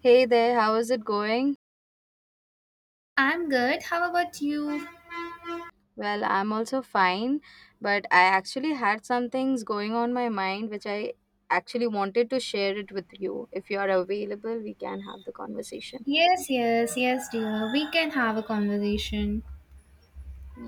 Hey there, how is it going? I'm good. How about you? Well, I'm also fine, but I actually had some things going on my mind which I actually wanted to share it with you. If you are available, we can have the conversation. Yes, yes, yes, dear. We can have a conversation.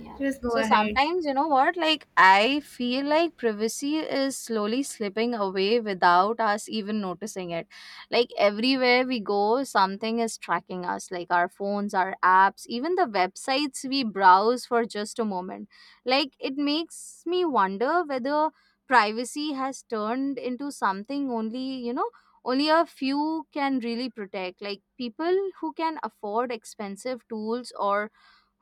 Yeah. Just go So ahead. sometimes, you know what? Like, I feel like privacy is slowly slipping away without us even noticing it. Like, everywhere we go, something is tracking us, like our phones, our apps, even the websites we browse for just a moment. Like, it makes me wonder whether privacy has turned into something only, only a few can really protect. Like, people who can afford expensive tools or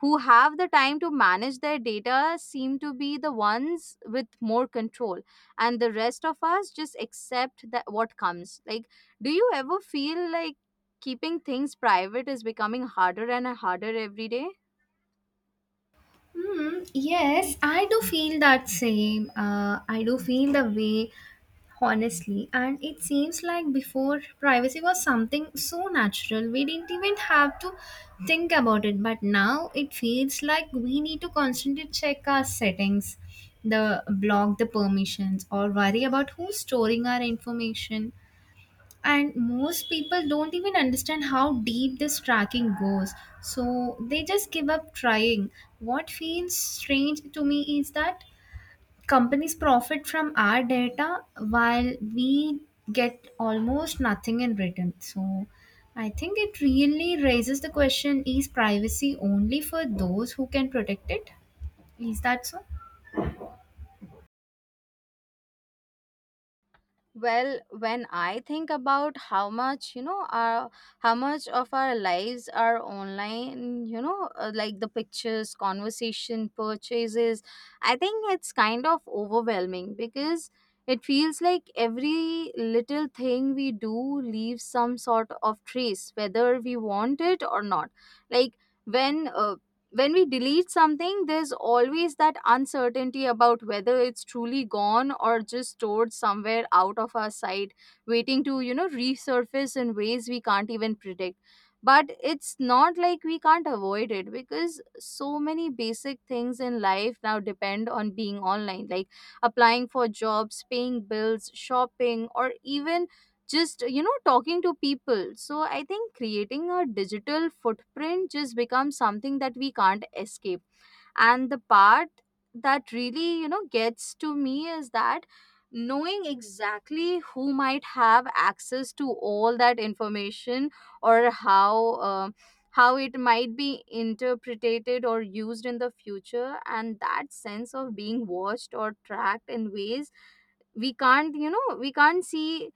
who have the time to manage their data seem to be the ones with more control, and the rest of us just accept that what comes like, do you ever feel like keeping things private is becoming harder and harder every day? Hmm, yes, I do feel that same. I do feel the way, honestly. And it seems like before, privacy was something so natural. We didn't even have to think about it. But now it feels like we need to constantly check our settings, the block the permissions, or worry about who's storing our information. And most people don't even understand how deep this tracking goes, so they just give up trying. What feels strange to me is that companies profit from our data while we get almost nothing in return. So I think it really raises the question: is privacy only for those who can protect it? Is that so? Well, when I think about how much, you know, our how much of our lives are online, you know, like the pictures, conversation, purchases, I think it's kind of overwhelming because it feels like every little thing we do leaves some sort of trace, whether we want it or not. Like, when uh, when we delete something, there's always that uncertainty about whether it's truly gone or just stored somewhere out of our sight, waiting to, you know, resurface in ways we can't even predict. But it's not like we can't avoid it, because so many basic things in life now depend on being online, like applying for jobs, paying bills, shopping, or even just, you know, talking to people. So I think creating a digital footprint just becomes something that we can't escape. And the part that really, you know, gets to me is that knowing exactly who might have access to all that information, or uh, how it might be interpreted or used in the future, and that sense of being watched or tracked in ways we can't, you know, we can't see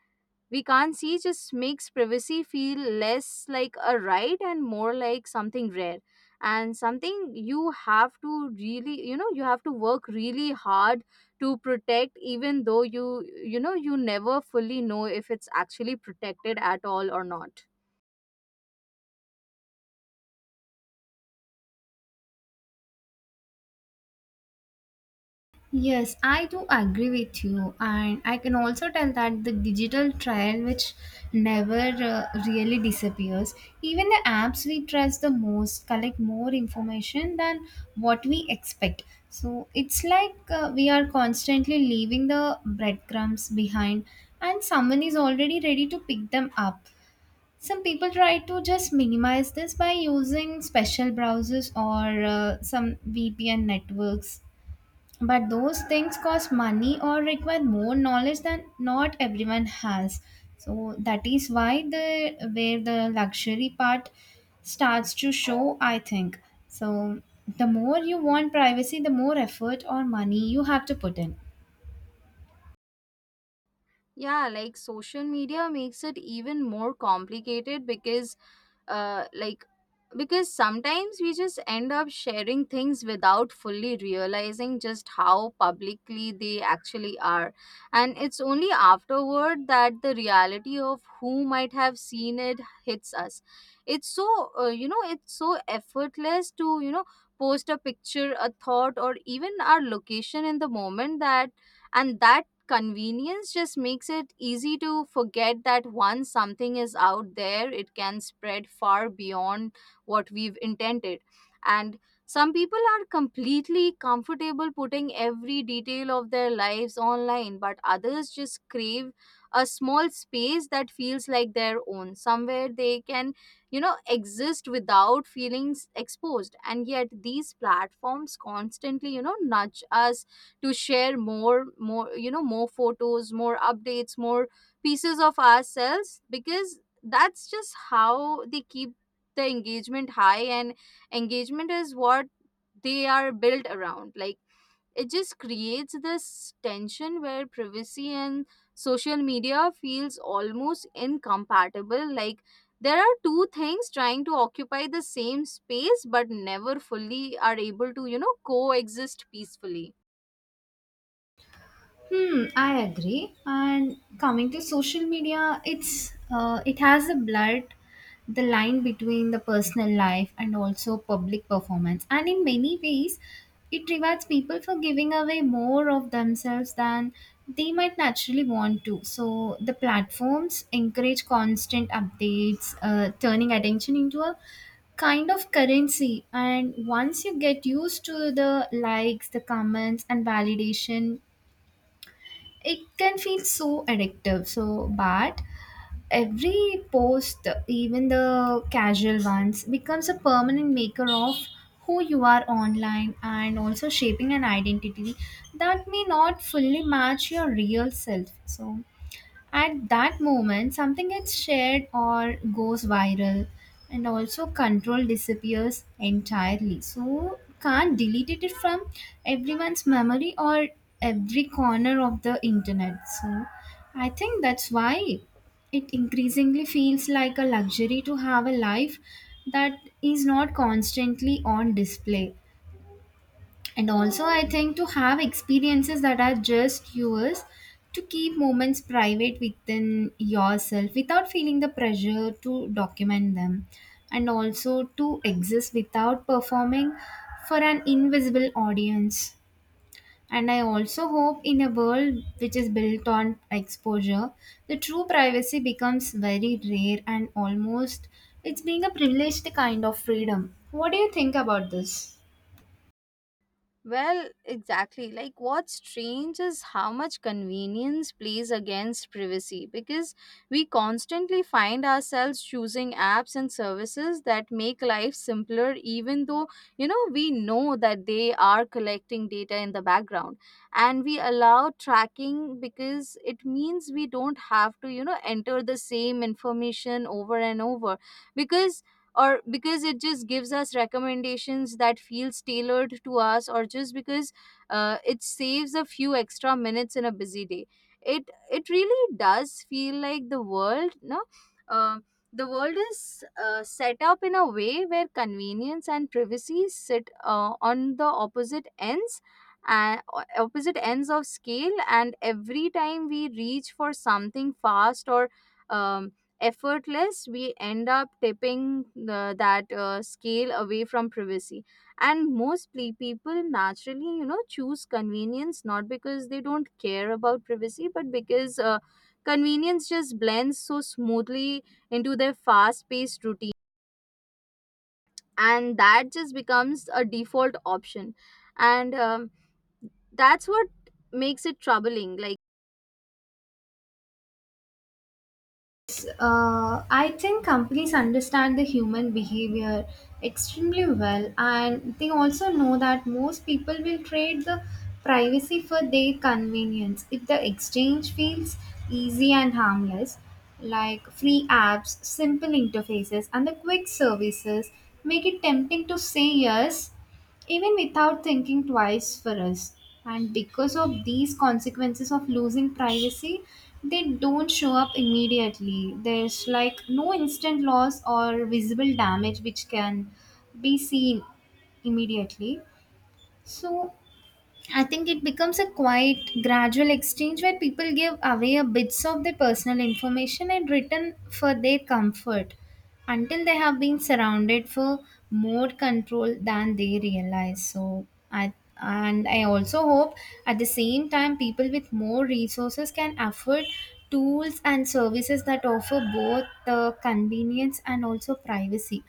we can't see just makes privacy feel less like a right and more like something rare, and something you have to really, you know, you have to work really hard to protect, even though you know, you never fully know if it's actually protected at all or not. Yes, I do agree with you, and I can also tell that the digital trial, which never really disappears, even the apps we trust the most collect more information than what we expect. So it's like, we are constantly leaving the breadcrumbs behind, and someone is already ready to pick them up. Some people try to just minimize this by using special browsers or some VPN networks, but those things cost money or require more knowledge than not everyone has. So that is why the where the luxury part starts to show, I think. So the more you want privacy, the more effort or money you have to put in. Yeah, like social media makes it even more complicated because, like because sometimes we just end up sharing things without fully realizing just how publicly they actually are, and it's only afterward that the reality of who might have seen it hits us. It's so, you know, it's so effortless to, you know, post a picture, a thought, or even our location in the moment, that convenience just makes it easy to forget that once something is out there, it can spread far beyond what we've intended. And some people are completely comfortable putting every detail of their lives online, but others just crave a small space that feels like their own, somewhere they can, you know, exist without feeling exposed. And yet, these platforms constantly, you know, nudge us to share more, more, you know, more photos, more updates, more pieces of ourselves, because that's just how they keep the engagement high. And engagement is what they are built around. Like, it just creates this tension where privacy and social media feels almost incompatible, like there are two things trying to occupy the same space but never fully are able to, you know, coexist peacefully. Hmm, I agree. And coming to social media, it has a blurred the line between the personal life and also public performance. And in many ways, it rewards people for giving away more of themselves than they might naturally want to. So the platforms encourage constant updates, turning attention into a kind of currency. And once you get used to the likes, the comments, and validation, it can feel so addictive, so bad. Every post, even the casual ones, becomes a permanent maker of who you are online, and also shaping an identity that may not fully match your real self. So at that moment, something gets shared or goes viral, and also control disappears entirely. So, can't delete it from everyone's memory or every corner of the internet. So, I think that's why it increasingly feels like a luxury to have a life that is not constantly on display. And also, I think, to have experiences that are just yours, to keep moments private within yourself without feeling the pressure to document them, and also to exist without performing for an invisible audience. And I also hope, in a world which is built on exposure, the true privacy becomes very rare and almost it's being a privileged kind of freedom. What do you think about this? Well, exactly. Like, what's strange is how much convenience plays against privacy, because we constantly find ourselves choosing apps and services that make life simpler, even though, you know, we know that they are collecting data in the background. And we allow tracking because it means we don't have to, you know, enter the same information over and over, because or because it just gives us recommendations that feels tailored to us, or just because, it saves a few extra minutes in a busy day. It really does feel like the world, no, uh, the world is, set up in a way where convenience and privacy sit, on the opposite ends, and opposite ends of scale. And every time we reach for something fast or, um, effortless, we end up tipping that scale away from privacy. And most people naturally, you know, choose convenience, not because they don't care about privacy, but because, convenience just blends so smoothly into their fast paced routine, and that just becomes a default option. And, that's what makes it troubling, like. Yes, I think companies understand the human behavior extremely well, and they also know that most people will trade the privacy for their convenience if the exchange feels easy and harmless. Like free apps, simple interfaces, and the quick services make it tempting to say yes even without thinking twice for us. And because of these consequences of losing privacy, they don't show up immediately. There's like no instant loss or visible damage which can be seen immediately. So I think it becomes a quite gradual exchange where people give away a bits of their personal information in return for their comfort until they have been surrounded for more control than they realize. So I, and I also hope at the same time, people with more resources can afford tools and services that offer both the convenience and also privacy.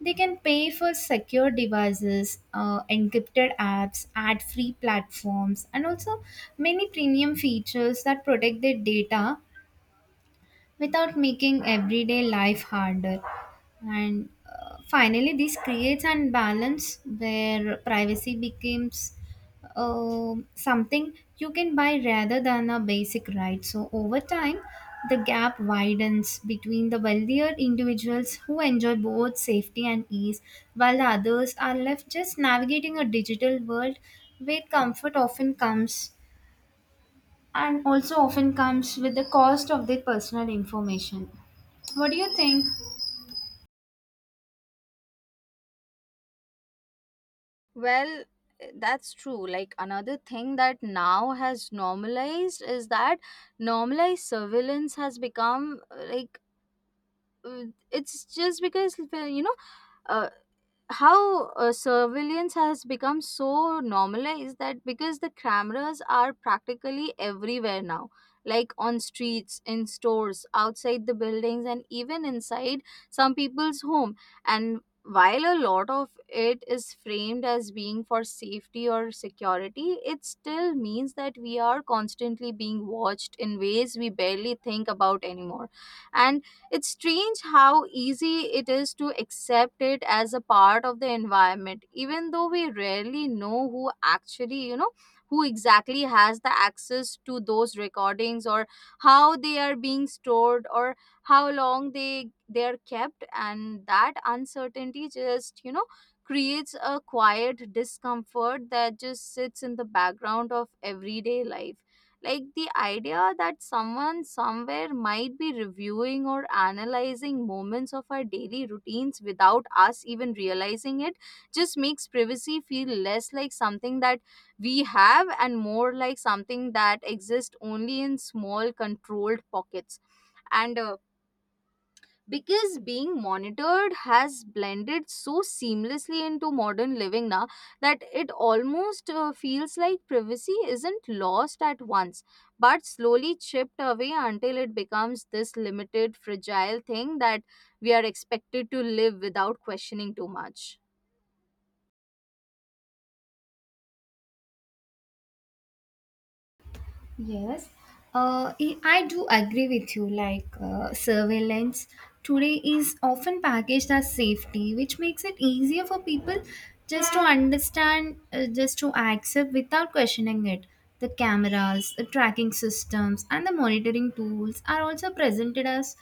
They can pay for secure devices, encrypted apps, ad free platforms, and also many premium features that protect their data without making everyday life harder. And finally, this creates an balance where privacy becomes something you can buy rather than a basic right. So, over time, the gap widens between the wealthier individuals who enjoy both safety and ease, while the others are left just navigating a digital world where comfort often comes and also often comes with the cost of their personal information. What do you think? Well, that's true. Like another thing that now has normalized is that normalized surveillance has become like it's just because you know uh, how surveillance has become so normalized, that because the cameras are practically everywhere now, like on streets, in stores, outside the buildings, and even inside some people's home. And while a lot of it is framed as being for safety or security, it still means that we are constantly being watched in ways we barely think about anymore. And it's strange how easy it is to accept it as a part of the environment, even though we rarely know who actually, you know, who exactly has the access to those recordings, or how they are being stored, or how long they are kept. And that uncertainty just, you know, creates a quiet discomfort that just sits in the background of everyday life. Like the idea that someone, somewhere, might be reviewing or analyzing moments of our daily routines without us even realizing it just makes privacy feel less like something that we have and more like something that exists only in small controlled pockets. And Because being monitored has blended so seamlessly into modern living now that it almost, feels like privacy isn't lost at once, but slowly chipped away until it becomes this limited, fragile thing that we are expected to live without questioning too much. Yes, I do agree with you. Like, surveillance today is often packaged as safety, which makes it easier for people just to understand, just to accept without questioning it. The cameras, the tracking systems, and the monitoring tools are also presented as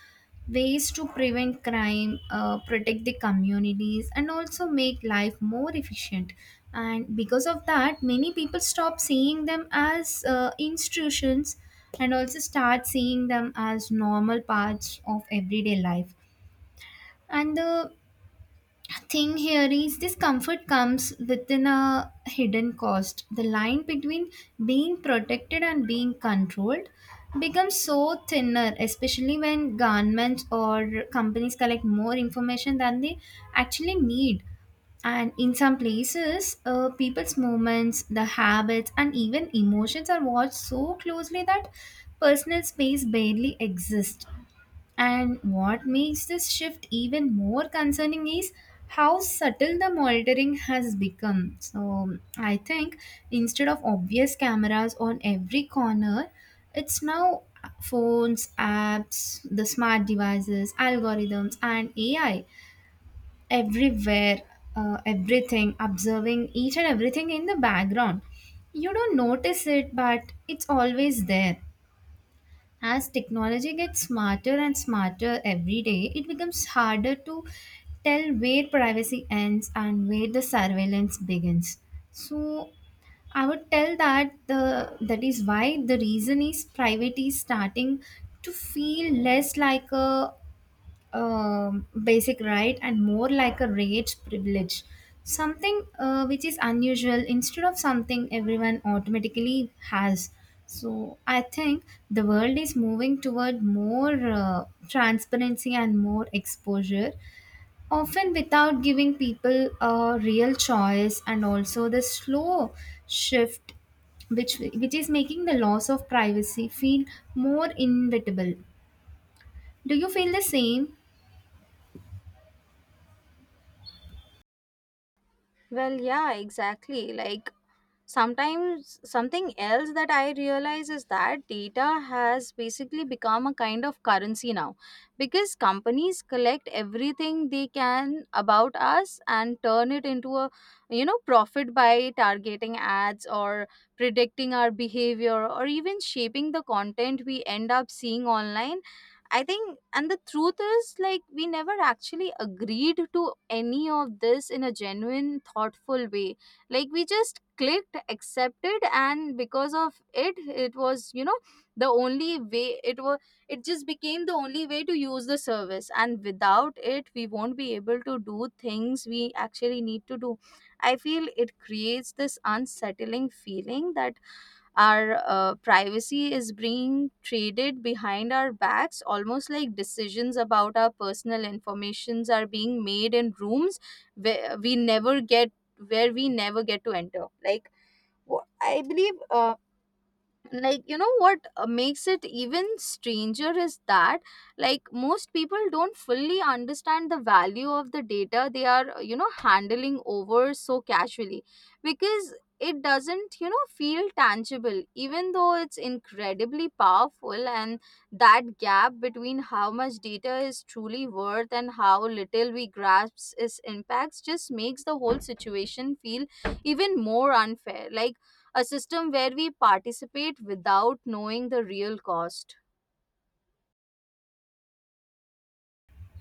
ways to prevent crime, protect the communities, and also make life more efficient. And because of that, many people stop seeing them as institutions and also start seeing them as normal parts of everyday life. And the thing here is this comfort comes within a hidden cost. The line between being protected and being controlled becomes so thinner, especially when governments or companies collect more information than they actually need. And in some places, people's movements, the habits, and even emotions are watched so closely that personal space barely exists. And what makes this shift even more concerning is how subtle the monitoring has become. So, I think instead of obvious cameras on every corner, it's now phones, apps, the smart devices, algorithms, and AI everywhere, everything, observing each and everything in the background. You don't notice it, but it's always there. As technology gets smarter and smarter every day, it becomes harder to tell where privacy ends and where the surveillance begins. So I would tell that the that is why the reason is privacy is starting to feel less like a basic right and more like a rage privilege, something which is unusual instead of something everyone automatically has. So I think the world is moving toward more transparency and more exposure, often without giving people a real choice, and also the slow shift which is making the loss of privacy feel more inevitable. Do you feel the same? Well, yeah, exactly, like. Sometimes something else that I realize is that data has basically become a kind of currency now, because companies collect everything they can about us and turn it into a, you know, profit by targeting ads, or predicting our behavior, or even shaping the content we end up seeing online. I think, and the truth is, like, we never actually agreed to any of this in a genuine, thoughtful way. Like, we just clicked accepted, and because of it, it was, you know, the only way. It was it just became the only way to use the service, and without it we won't be able to do things we actually need to do. I feel it creates this unsettling feeling that our, privacy is being traded behind our backs, almost like decisions about our personal informations are being made in rooms where we never get to enter. Like, I believe. Like, you know what, makes it even stranger is that, like, most people don't fully understand the value of the data they are, you know, handling over so casually, because it doesn't, you know, feel tangible, even though it's incredibly powerful. And that gap between how much data is truly worth and how little we grasp its impacts just makes the whole situation feel even more unfair, like a system where we participate without knowing the real cost.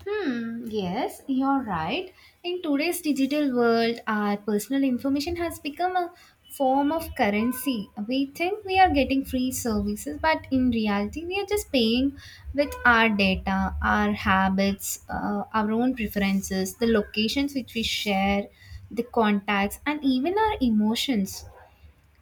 Hmm, yes, you're right. In today's digital world, our personal information has become a form of currency. We think we are getting free services, but in reality, we are just paying with our data, our habits, our own preferences, the locations which we share, the contacts, and even our emotions.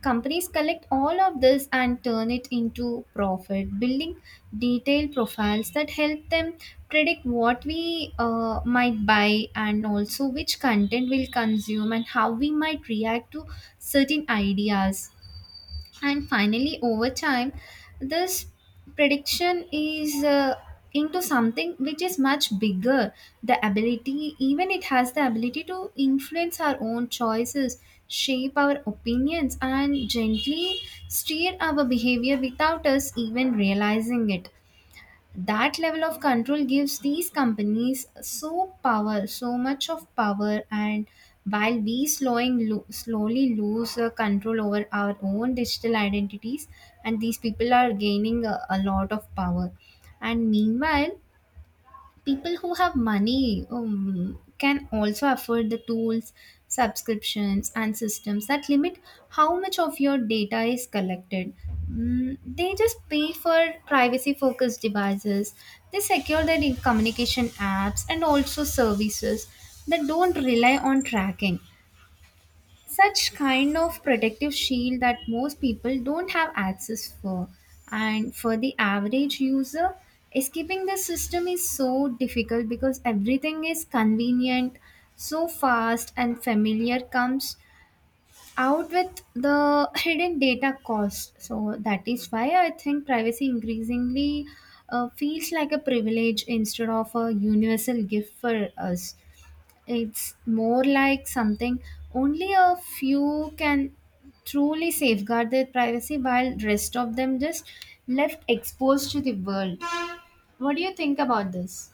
Companies collect all of this and turn it into profit, building detailed profiles that help them predict what we might buy, and also which content we'll consume and how we might react to certain ideas. And finally, over time, this prediction is, into something which is much bigger. The ability, even it has the ability, to influence our own choices, shape our opinions, and gently steer our behavior without us even realizing it. That level of control gives these companies so power, so much of power. And while we slowly lose control over our own digital identities, and these people are gaining a lot of power. And meanwhile, people who have money can also afford the tools, subscriptions, and systems that limit how much of your data is collected. Mm, they just pay for privacy focused devices. They secure their communication apps and also services that don't rely on tracking, such kind of protective shield that most people don't have access for. And for the average user, escaping the system is so difficult because everything is convenient, so fast and familiar, comes out with the hidden data cost. So that is why I think privacy increasingly feels like a privilege instead of a universal gift for us. It's more like something only a few can truly safeguard their privacy, while rest of them just left exposed to the world. What do you think about this?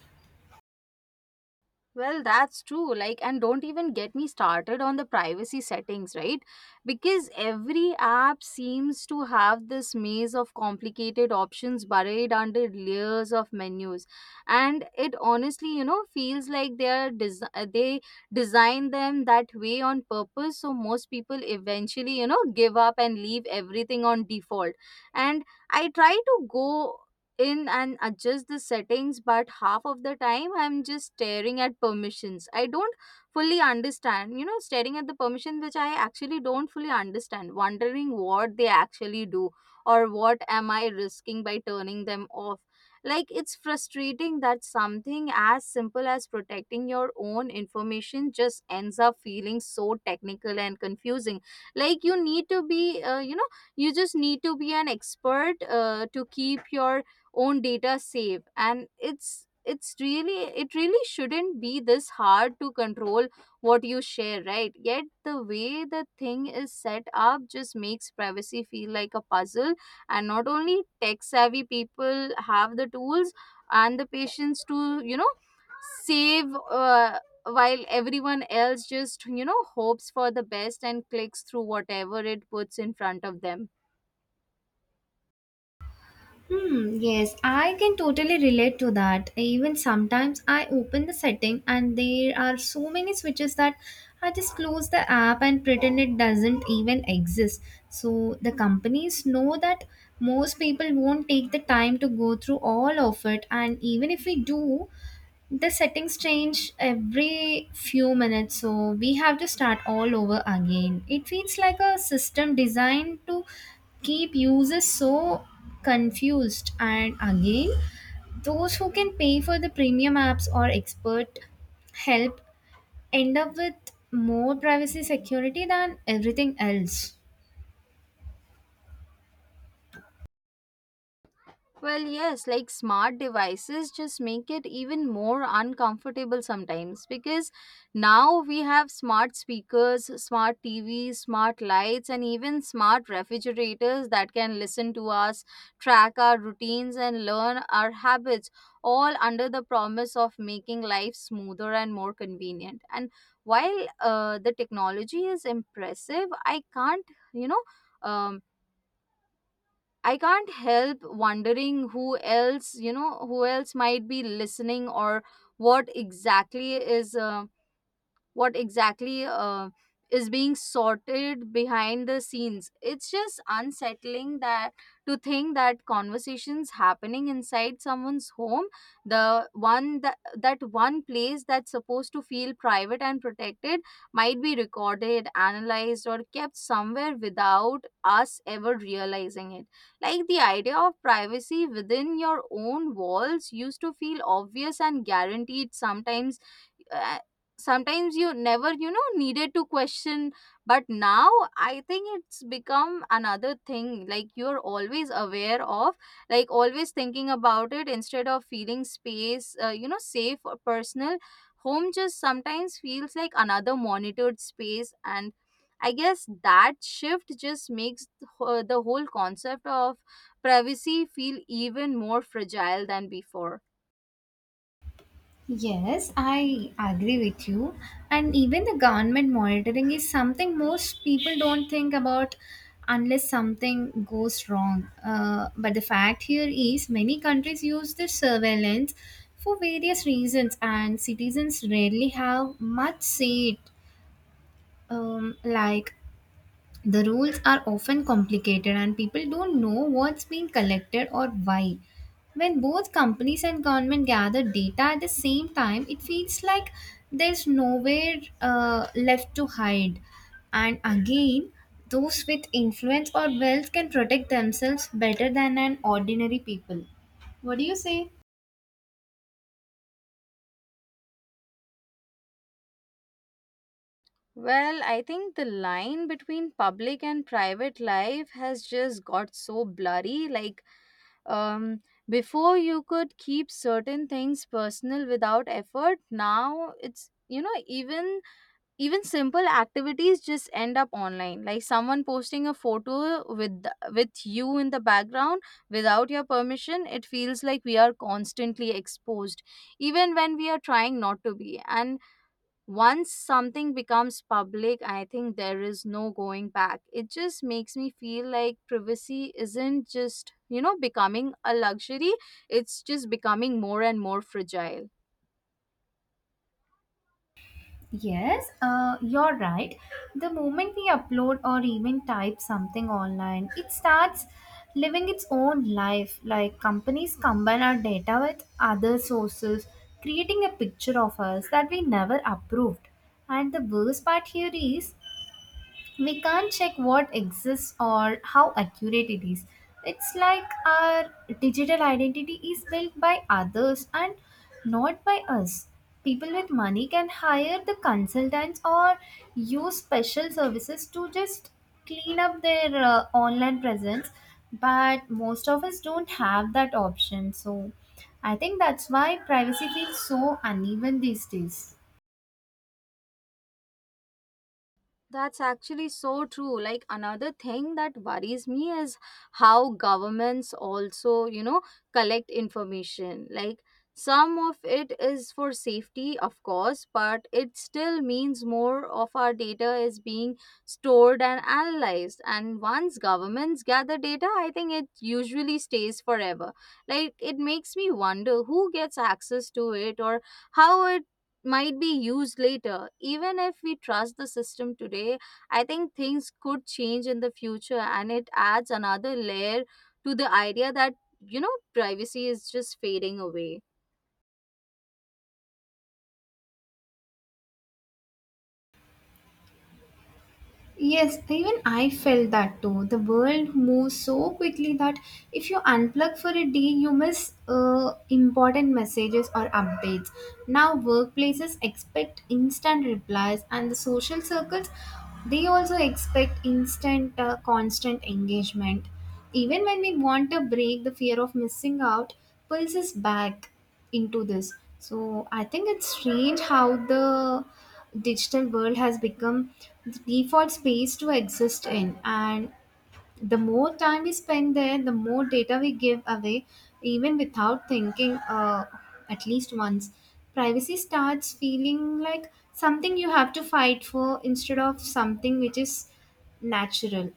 Well, that's true. Like, and don't even get me started on the privacy settings, right? Because every app seems to have this maze of complicated options buried under layers of menus. And it honestly, you know, feels like they are they design them that way on purpose, so most people eventually, you know, give up and leave everything on default. And I try to go in and adjust the settings, but half of the time I'm just staring at permissions I don't fully understand. Staring at the permission which I actually don't fully understand, wondering what they actually do or what am I risking by turning them off. Like, it's frustrating that something as simple as protecting your own information just ends up feeling so technical and confusing. Like, you need to be you just need to be an expert to keep your own data safe. And it's really, it really shouldn't be this hard to control what you share, right? Yet the way the thing is set up just makes privacy feel like a puzzle, and not only tech savvy people have the tools and the patience to save, while everyone else just, you know, hopes for the best and clicks through whatever it puts in front of them. Hmm, yes, I can totally relate to that. Even sometimes I open the setting and there are so many switches that I just close the app and pretend it doesn't even exist. So the companies know that most people won't take the time to go through all of it, and even if we do, the settings change every few minutes, so we have to start all over again. It feels like a system designed to keep users so confused. And again, those who can pay for the premium apps or expert help end up with more privacy security than everything else. Well, yes, like smart devices just make it even more uncomfortable sometimes, because now we have smart speakers, smart TVs, smart lights, and even smart refrigerators that can listen to us, track our routines, and learn our habits, all under the promise of making life smoother and more convenient. And while the technology is impressive, you know, um I can't help wondering who else, you know, who else might be listening, or what exactly is um what exactly is being sorted behind the scenes. It's just unsettling that to think that conversations happening inside someone's home, the one place that's supposed to feel private and protected, might be recorded, analyzed, or kept somewhere without us ever realizing it. Like, the idea of privacy within your own walls used to feel obvious and guaranteed. Uh, Sometimes you never, you know, needed to question, but now I think it's become another thing, like, you're always aware of, like, always thinking about it instead of feeling space you know, safe or personal. Home just sometimes feels like another monitored space, and I guess that shift just makes the whole concept of privacy feel even more fragile than before. Yes, I agree with you. And even the government monitoring is something most people don't think about unless something goes wrong. But the fact here is many countries use this surveillance for various reasons, and citizens rarely have much say it. Like, the rules are often complicated and people don't know what's being collected or why. When both companies and government gather data at the same time, it feels like there's nowhere left to hide. And again, those with influence or wealth can protect themselves better than an ordinary people. What do you say? Well, I think the line between public and private life has just got so blurry. Like, um, before you could keep certain things personal without effort. Now it's, you know, even simple activities just end up online. Like someone posting a photo with you in the background without your permission. It feels like we are constantly exposed, even when we are trying not to be. And once something becomes public, I think there is no going back. It just makes me feel like privacy isn't just, you know, becoming a luxury, it's just becoming more and more fragile. Yes, you're right. The moment we upload or even type something online, it starts living its own life. Like companies combine our data with other sources, creating a picture of us that we never approved. And the worst part here is we can't check what exists or how accurate it is. It's like our digital identity is built by others and not by us. People with money can hire the consultants or use special services to just clean up their online presence, but most of us don't have that option. So I think that's why privacy feels so uneven these days. That's actually so true. Like, another thing that worries me is how governments also, you know, collect information. Like, some of it is for safety, of course, but it still means more of our data is being stored and analyzed. And once governments gather data, I think it usually stays forever. Like, it makes me wonder who gets access to it or how it might be used later. Even if we trust the system today, I think things could change in the future, and it adds another layer to the idea that, you know, privacy is just fading away. Yes, even I felt that too. The world moves so quickly that if you unplug for a day, you miss important messages or updates. Now, workplaces expect instant replies, and the social circles they also expect instant, constant engagement. Even when we want a break, the fear of missing out pulls us back into this. So I think it's strange how the digital world has become the default space to exist in. And the more time we spend there, the more data we give away, even without thinking at least once. Privacy starts feeling like something you have to fight for instead of something which is natural.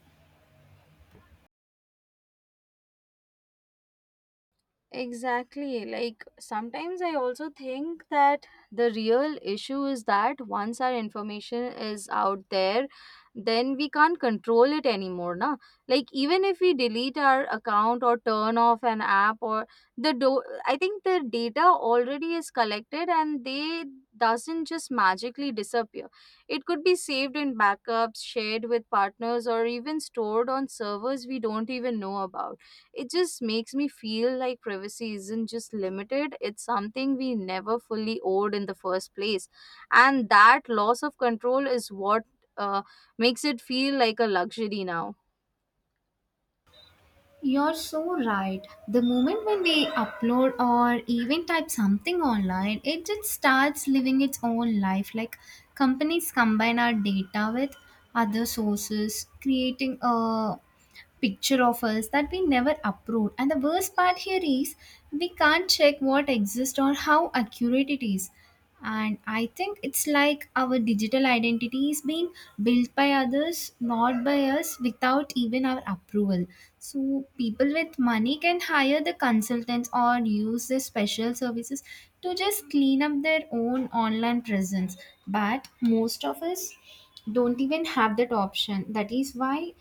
Exactly. Like, sometimes I also think that the real issue is that once our information is out there, then we can't control it anymore, na? Like, even if we delete our account or turn off an app, or the do I think the data already is collected and they doesn't just magically disappear. It could be saved in backups, shared with partners, or even stored on servers we don't even know about. It just makes me feel like privacy isn't just limited, it's something we never fully owed in the first place. And that loss of control is what uh, makes it feel like a luxury now. You're so right. The moment when we upload or even type something online, it just starts living its own life. Like companies combine our data with other sources, creating a picture of us that we never upload. And the worst part here is we can't check what exists or how accurate it is. And I think it's like our digital identity is being built by others, not by us, without even our approval. So, people with money can hire the consultants or use the special services to just clean up their own online presence. But most of us don't even have that option. That is why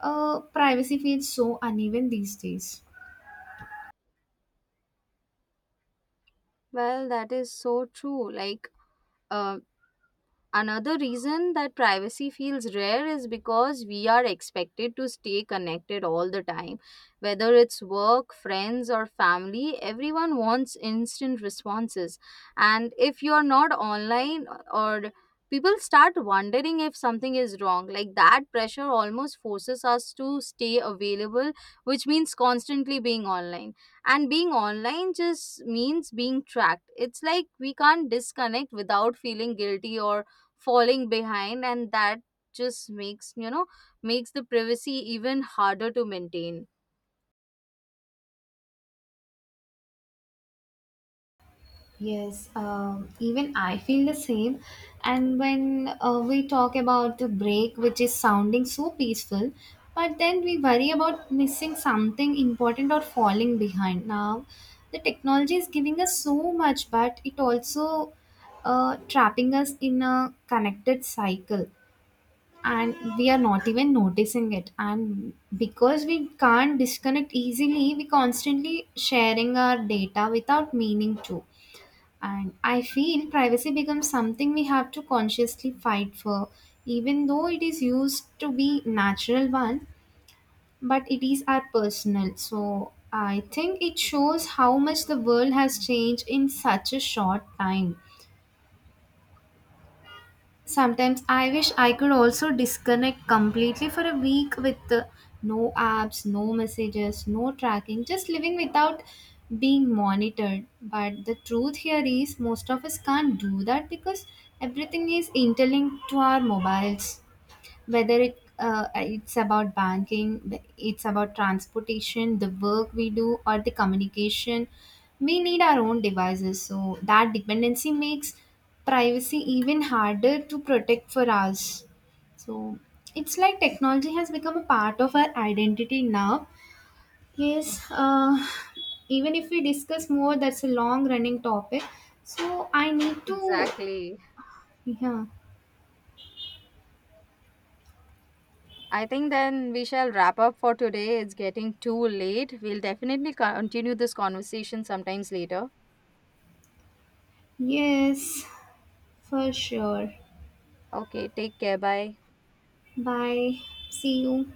privacy feels so uneven these days. Well, that is so true. Uh, Another reason that privacy feels rare is because we are expected to stay connected all the time. Whether it's work, friends, or family, everyone wants instant responses. And if you're not online, or people start wondering if something is wrong. Like, that pressure almost forces us to stay available, which means constantly being online. And being online just means being tracked. It's like we can't disconnect without feeling guilty or falling behind, and that just makes, you know, makes the privacy even harder to maintain. Yes, even I feel the same. And when we talk about the break, which is sounding so peaceful, but then we worry about missing something important or falling behind. Now, the technology is giving us so much, but it also trapping us in a connected cycle, and we are not even noticing it. And because we can't disconnect easily, we constantly sharing our data without meaning to, and I feel privacy becomes something we have to consciously fight for, even though it is used to be natural one, but it is our personal. So I think it shows how much the world has changed in such a short time. Sometimes I wish I could also disconnect completely for a week with no apps, no messages, no tracking, just living without being monitored. But the truth here is, most of us can't do that because everything is interlinked to our mobiles, whether it's about banking, it's about transportation, the work we do, or the communication. We need our own devices, so that dependency makes privacy even harder to protect for us. So it's like technology has become a part of our identity now. Yes. Even if we discuss more, that's a long running topic, so I need to. Exactly. Yeah. I think then we shall wrap up for today, it's getting too late. We'll definitely continue this conversation sometimes later. Yes, for sure. Okay, take care, bye. Bye. See you.